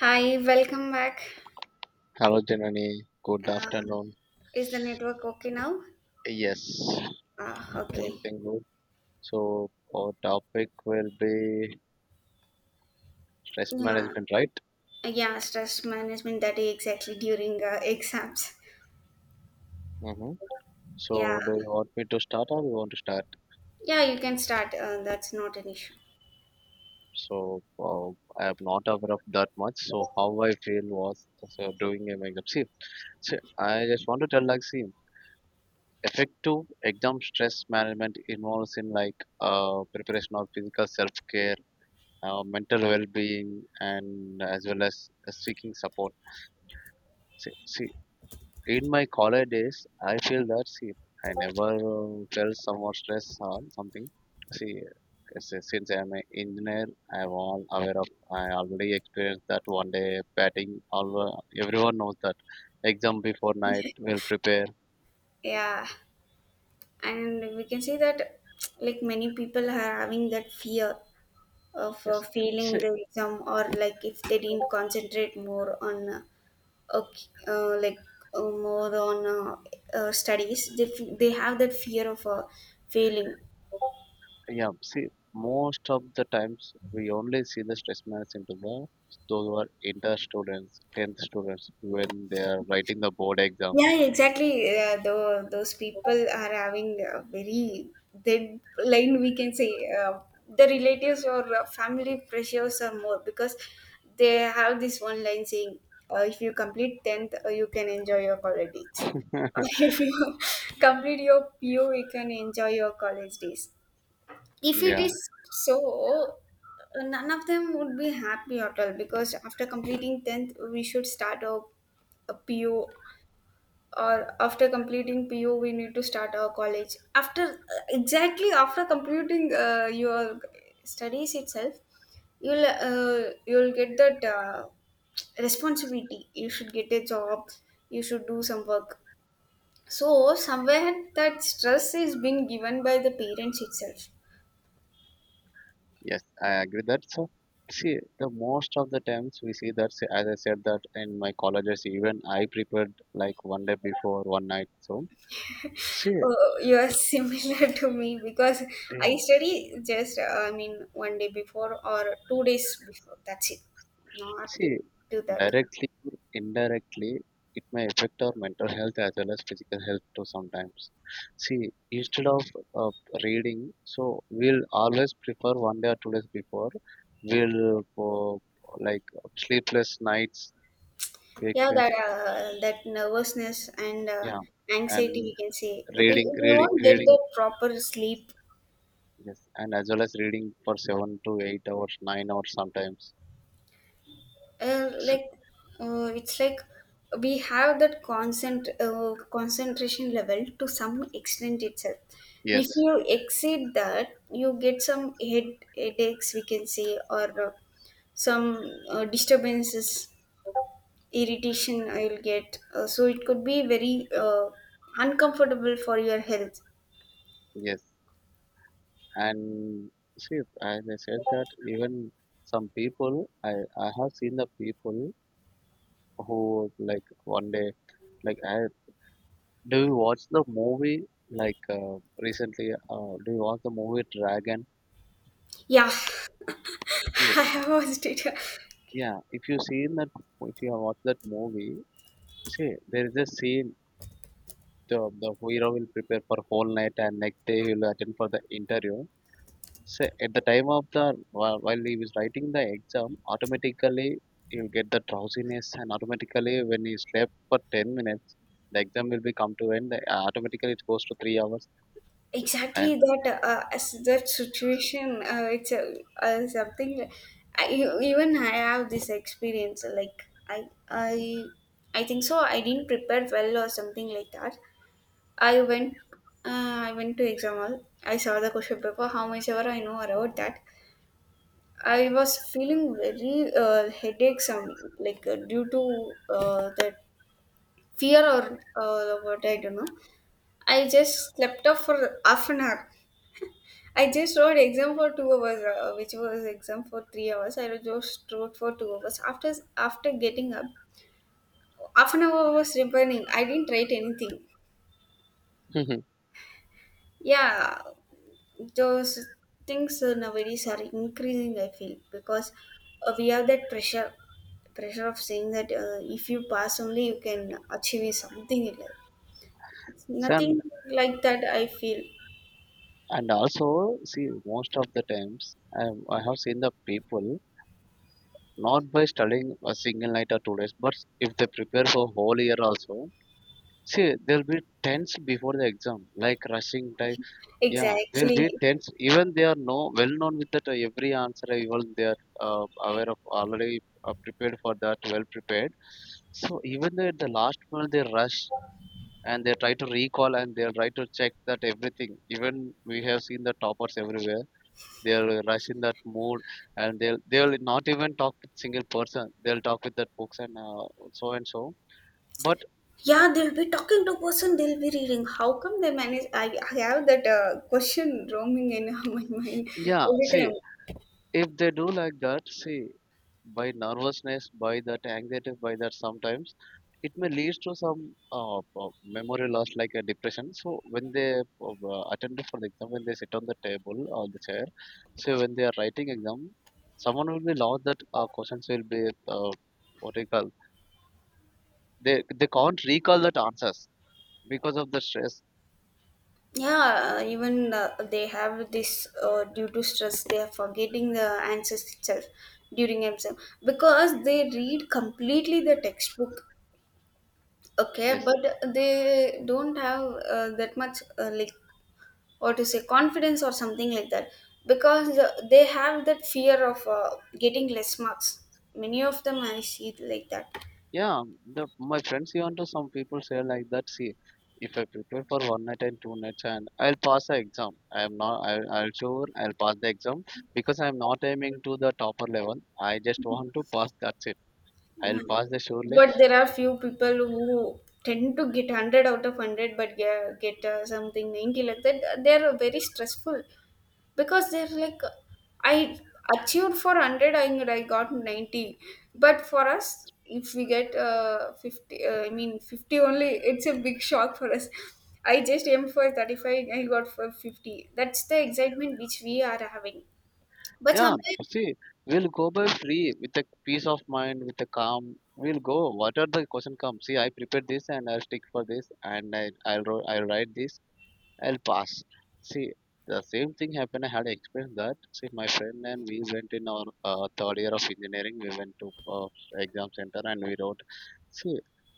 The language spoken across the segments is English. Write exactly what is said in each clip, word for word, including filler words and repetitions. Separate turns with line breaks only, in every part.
Hi, welcome back.
Hello, Janani. Good
Uh,
afternoon.
is the network okay now?
Yes,
Uh, okay.
everything good. So, our topic will be stress
Yeah,
management, right?
yeah, stress management, that is exactly during uh, exams.
Mm-hmm.
Yeah,
So, do you want me to start or you want to start?
yeah, you can start. Uh, that's not an issue.
So, uh, I am not aware of that much. So, how I feel was so doing a makeup. See, see, I just want to tell, like, see, effective exam stress management involves in, like, uh, preparation of physical self care, uh, mental well being, and as well as uh, seeking support. See, see, in my college days, I feel that, see, I never uh, felt some more stress or something. See, s- since I'm an engineer, I'm all aware of. I already experienced that one day batting. All uh, everyone knows that. Exam before night, will prepare.
Yeah. And we can see that like many people are having that fear of uh,
Yes.
failing
See,
the exam, or like if they didn't concentrate more on uh, okay, uh, like uh, more on uh, uh, studies, they, f- they have that fear of uh, failing.
yeah. See, most of the times we only see the stress management into the those who are inter students, tenth students when they are writing the board
Yeah,
exams.
exactly. Uh, though those people are having a very thin line, we can say, uh, the relatives or uh, family pressures are more because they have this one line saying, uh, if you complete tenth, uh, you can enjoy your college days. Or if you complete your P U, you can enjoy your college days. If it
Yeah.
is so, uh, none of them would be happy at all, because after completing tenth we should start our a P O, or after completing P U we need to start our college. After exactly after completing uh, your studies itself, you'll uh, you'll get that uh, responsibility. You should get a job. You should do some work. So somewhere that stress is being given by the parents itself.
Yes, I agree that. So, see, the most of the times we see that, say, as I said, that in my colleges, even I prepared like one day before, one night. So, see,
Oh, you are similar to me, because
yeah,
I study just, uh, I mean, one day before or two days before. That's it. Not
see,
do that.
directly or indirectly, it may affect our mental health as well as physical health too sometimes. See, instead of uh, reading, so we'll always prefer one day or two days before, we'll uh, like sleepless nights,
Yeah,
frequency,
that uh, that nervousness and uh,
yeah, and
anxiety, we can say we,
reading
we
reading
won't get the
reading
proper sleep.
yes, and as well as reading for seven to eight hours, nine hours sometimes.
Uh,
S-
like uh, it's like we have that concent uh, concentration level to some extent itself. If
yes,
you exceed that, you get some head headaches, we can say, or uh, some uh, disturbances, irritation I'll get uh, so it could be very uh, uncomfortable for your health.
yes, and see, as I said that, even some people, i i have seen the people who, like, one day, like, I do you watch the movie, like, uh, recently, uh, do you watch the movie Dragon?
Yeah,
See,
I was did
yeah, if you seen that, if you have watched that movie, see there is a scene, the, the hero will prepare for whole night and next day he will attend for the interview. So at the time of the, while while he was writing the exam, automatically he'll get the drowsiness, and automatically when he slept for ten minutes, the exam will be come to end. The, automatically it goes to three hours.
exactly
And
that uh, as that situation. Uh, it's uh, uh, something. I, e, Even I have this experience. Like I, I, I think so. I didn't prepare well or something like that. I went. Uh, I went to exam hall. I saw the question paper. How much ever I know about that. I was feeling very uh, headache. Some like uh, due to uh, that fear or uh, what I don't know, I just slept off for half an hour. I just wrote exam for two hours, uh, which was exam for three hours. I just wrote for two hours. After after getting up, half an hour was remaining. I didn't write anything. Yeah, those things uh, nowadays are increasing, I feel, because uh, we have that pressure pressure of saying that uh, if you pass only you can achieve something in life. It's
so,
nothing
and,
like that, I feel.
and also, see most of the times I, I have seen the people not by studying a single night or two days, but if they prepare for whole year also. See, they'll be tense before the exam, like rushing time. Yeah, they'll be
Exactly.
tense. Even they are no well known with that uh, every answer. uh, Even they are uh, aware of, already uh, prepared for that, well prepared. So even though at the last moment they rush, and they try to recall and they try to check that everything. Even we have seen the toppers everywhere. They are rush in that mood, and they'll they'll not even talk with single person. They'll talk with that books, and uh, so and so. But
Yeah, they'll be talking to person, they'll be reading. How come they manage? I, I have that uh, question roaming in my mind
yeah,
every
see,
time.
if they do like that, see, by nervousness, by that anxiety, by that sometimes, it may lead to some uh, uh, memory loss like a depression. So when they uh, attend for the exam, when they sit on the table or the chair, so when they are writing exam, someone will be lost that uh, questions will be uh, what do you call, they they can't recall that answers because of the stress.
Yeah, uh, even uh, they have this uh, due to stress, they are forgetting the answers itself during exam because they read completely the textbook. Okay,
Yes.
but they don't have uh, that much uh, like, or to say confidence or something like that, because uh, they have that fear of uh, getting less marks. Many of them I see it like that.
Yeah, the my friends even to some people say like that. See, if I prepare for one night and two nights, and I'll pass the exam. I am not. I, I'll sure I'll pass the exam because I'm not aiming to the topper level. I just want to pass. That's it.
Yeah.
I'll pass the surely.
But there are few people who tend to get one hundred out of one hundred but get, get uh, something ninety, like that they are very stressful because they're like, I achieved for one hundred and I got ninety. But for us, if we get uh, fifty uh, I mean fifty only, it's a big shock for us. I just aimed for thirty-five, I got for fifty, that's the excitement which we are having. But
Yeah,
somewhere
see, we'll go by free with a peace of mind, with a calm. We'll go. What are the question comes? See, I prepared this and I'll stick for this, and I, I'll wro- I'll write this. I'll pass. See, the same thing happened. I had experienced that. See, my friend and we went in our uh, third year of engineering. We went to uh, exam center and we wrote. See,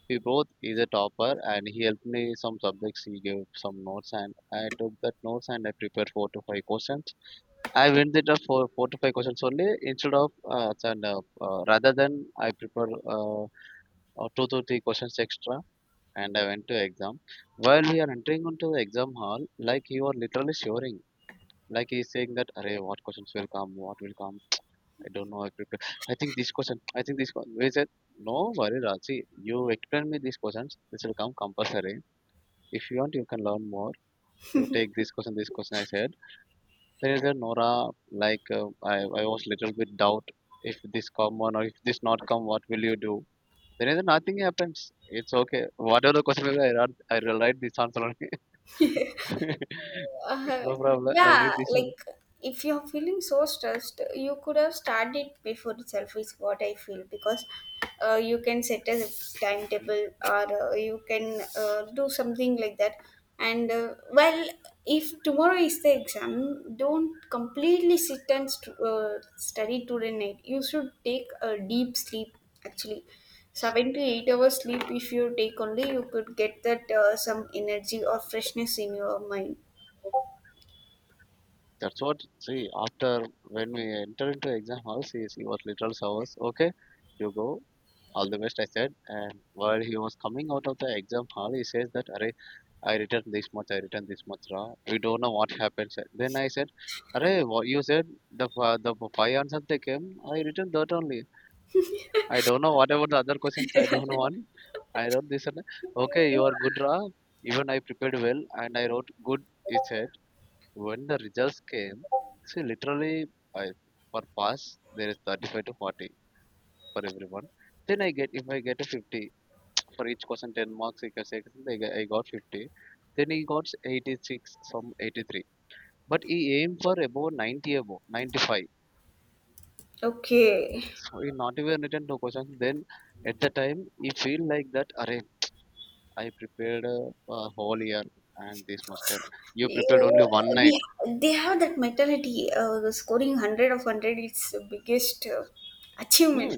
we both is a topper and he helped me some subjects. He gave some notes and I took that notes and I prepared four to five questions. I went there for four to five questions only, instead of uh, and, uh, uh, rather than I prepare uh, uh, two to three questions extra, and I went to exam. While we are entering into the exam hall, like you are literally shivering. Like he is saying that, Array, what questions will come? What will come? I don't know. I prepare. I think this question. I think this question. We said, no worry, Raji. You explain me these questions. This will come compulsory. If you want, you can learn more. You take this question, this question, I said. Then he said, Nora, like uh, I, I was little bit doubt if this come on or if this not come, what will you do? Then he said, nothing happens. It's okay. Whatever the question will be, I write, I will write this answer only. It's
Uh,
no problem. I'll
yeah,
write this one.
like if you're feeling so stressed, you could have started before itself, is what I feel, because uh, you can set a timetable, or uh, you can uh, do something like that. And uh, well, if tomorrow is the exam, don't completely sit and st- uh, study today night. You should take a deep sleep actually. Seven to eight hours sleep, if you take only, you could get that uh, some energy or freshness in your mind.
That's what, see, after when we enter into exam hall, see, she was literal hours. Okay, you go. All the best, I said. And while he was coming out of the exam hall, he says that, Array, I returned this much, I returned this much, Ra. We don't know what happened, sir. Then I said, Array, what you said, the fi- the five answers they came, I returned that only. I don't know what about the other questions. I don't know one. I wrote this and okay, you are good, Ra. Even I prepared well and I wrote good, he said. When the results came, see literally I for pass there is thirty-five to forty for everyone. Then I get If I get a fifty, for each question ten marks, like I said, I got I got fifty. Then he got eighty-six from eighty-three. But he aimed for above ninety, above ninety-five.
Okay.
So he not even written two questions. Then at the time he feel like that, Array, I prepared a, a whole year and this much time. You prepared only
You,
one night.
we, they have that mentality. Uh, the scoring hundred of hundred is the biggest uh,
Hmm.
achievement.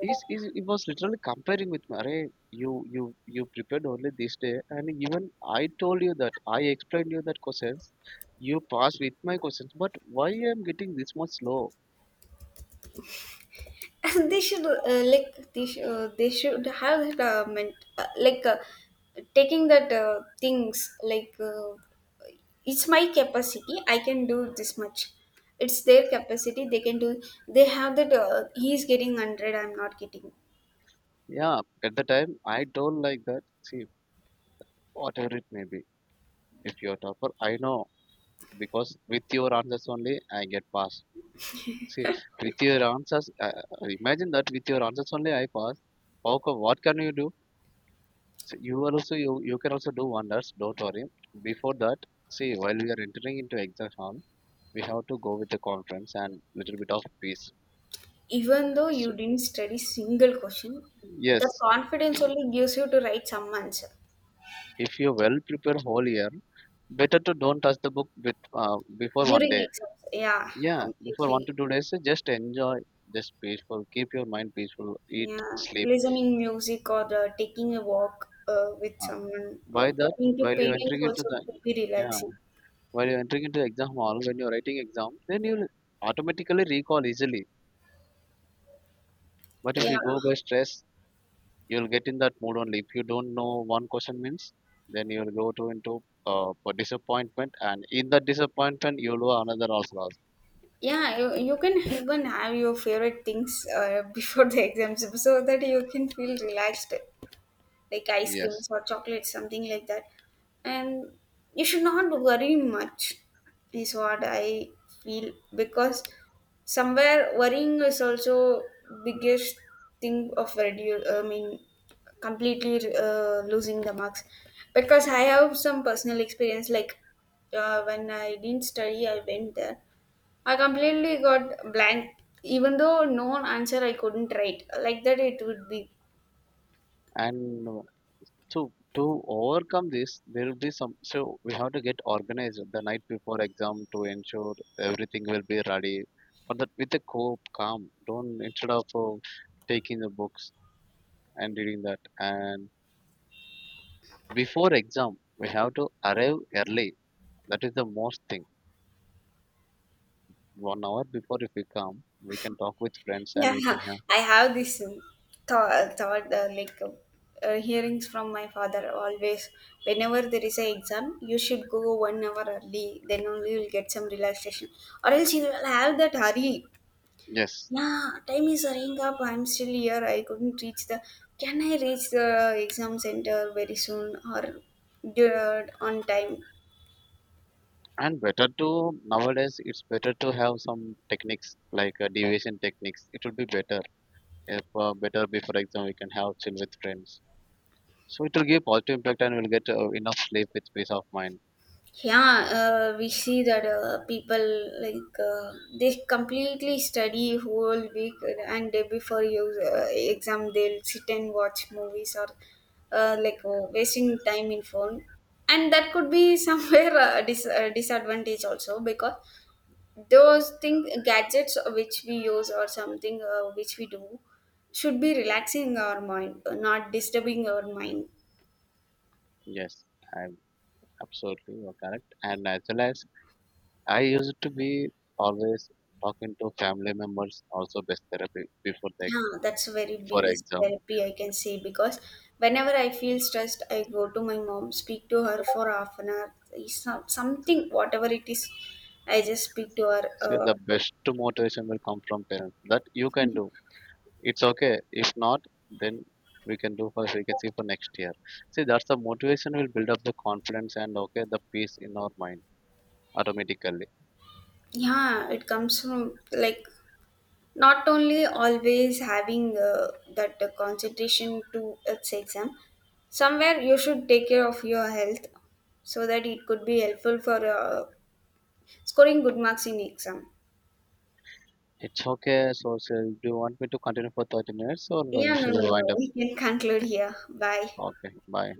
He's, he's, he was literally comparing with me. You you you prepared only this day, and even I told you that I explained you that questions. You passed with my questions, but why I am getting this much low?
And they should uh, like they, sh- uh, they should have that uh, ment- uh, like uh, taking that uh, things like uh, it's my capacity, I can do this much, it's their capacity, they can do. They have that uh, he's getting one hundred, I'm not getting.
Yeah, at the time I told like that. See, whatever it may be, if you're topper, I know because with your answers only I get passed. See, with your answers, uh, uh, imagine that with your answers only I pass. How co- what can you do? So you are also you, you can also do wonders. Don't worry. Before that, see, while we are entering into exam hall, we have to go with the conference and little bit of peace.
Even though you
So
didn't study single question, the
yes,
confidence only gives you to write some answer
if you well prepare whole year, better to don't touch the book with, uh, before one
during
day.
exams. Yeah,
Yeah, before one
completely.
to two days, uh, just enjoy, just peaceful, keep your mind peaceful, eat,
Yeah,
sleep.
listening music or uh, taking a walk uh, with
Uh,
someone, or
by that,
talking to
while you're
parents
entering into
also
the
could be
yeah,
relaxing.
while you're entering into the exam hall, when you're writing exam, then you'll automatically recall easily. But if
Yeah,
you go by stress, you'll get in that mood only. If you don't know one question means, then you'll go to into uh, for disappointment, and in that disappointment, you'll go another also loss.
yeah. You, you can even have your favorite things uh, before the exams so that you can feel relaxed. Like ice creams
Yes,
or chocolate, something like that. And you should not worry much, is what I feel, because somewhere worrying is also biggest thing of redu- I mean, completely uh, losing the marks. Because I have some personal experience, like uh, when I didn't study, I went there. I completely got blank, even though no answer I couldn't write. Like that, it would be.
and uh, to to overcome this, there will be some. So we have to get organized the night before exam to ensure everything will be ready. For that, with a cope, calm. Don't, instead of uh, taking the books and reading that, and before exam, we have to arrive early. That is the most thing one hour before. If we come we can talk with friends and we
Yeah,
can have,
I have this um, thought, thought uh, like uh, uh, hearings from my father always. Whenever there is a exam, you should go one hour early. Then only you'll get some relaxation, or else you'll have that hurry.
yes,
Yeah, time is hurrying up. I'm still here. I couldn't reach the. Can I reach the exam center very soon or uh, on time?
and better to, nowadays it's better to have some techniques like uh, deviation techniques. It would be better if uh, better be for example we can have chill with friends, so it will give positive impact and we'll get uh, enough sleep with peace of mind.
Yeah, uh, we see that uh, people like uh, they completely study whole week and day before you uh, exam, they'll sit and watch movies or uh, like, oh, wasting time in phone, and that could be somewhere a dis- a disadvantage also because those things, gadgets which we use, or something uh, which we do, should be relaxing our mind, not disturbing our mind.
Yes, I'm absolutely you're correct. And as well as I used to be always talking to family members, also best therapy before the
Yeah, that's a very
before
biggest
exam.
therapy, I can say, because whenever I feel stressed, I go to my mom, speak to her for half an hour, is some- something, whatever it is, I just speak to her.
So
Uh,
the best motivation will come from parents that you can do. It's okay. If not, then we can do for we can see for next year. See, that's the motivation will build up the confidence and okay the peace in our mind automatically.
yeah, it comes from like not only always having uh, that uh, concentration to its exam. Somewhere you should take care of your health so that it could be helpful for uh, scoring good marks in exam.
It's okay. So, shall do you want me to continue for thirty minutes, or will
Yeah, no,
shall
no,
we wind
no.
up?
We can conclude here. Bye.
Okay, bye.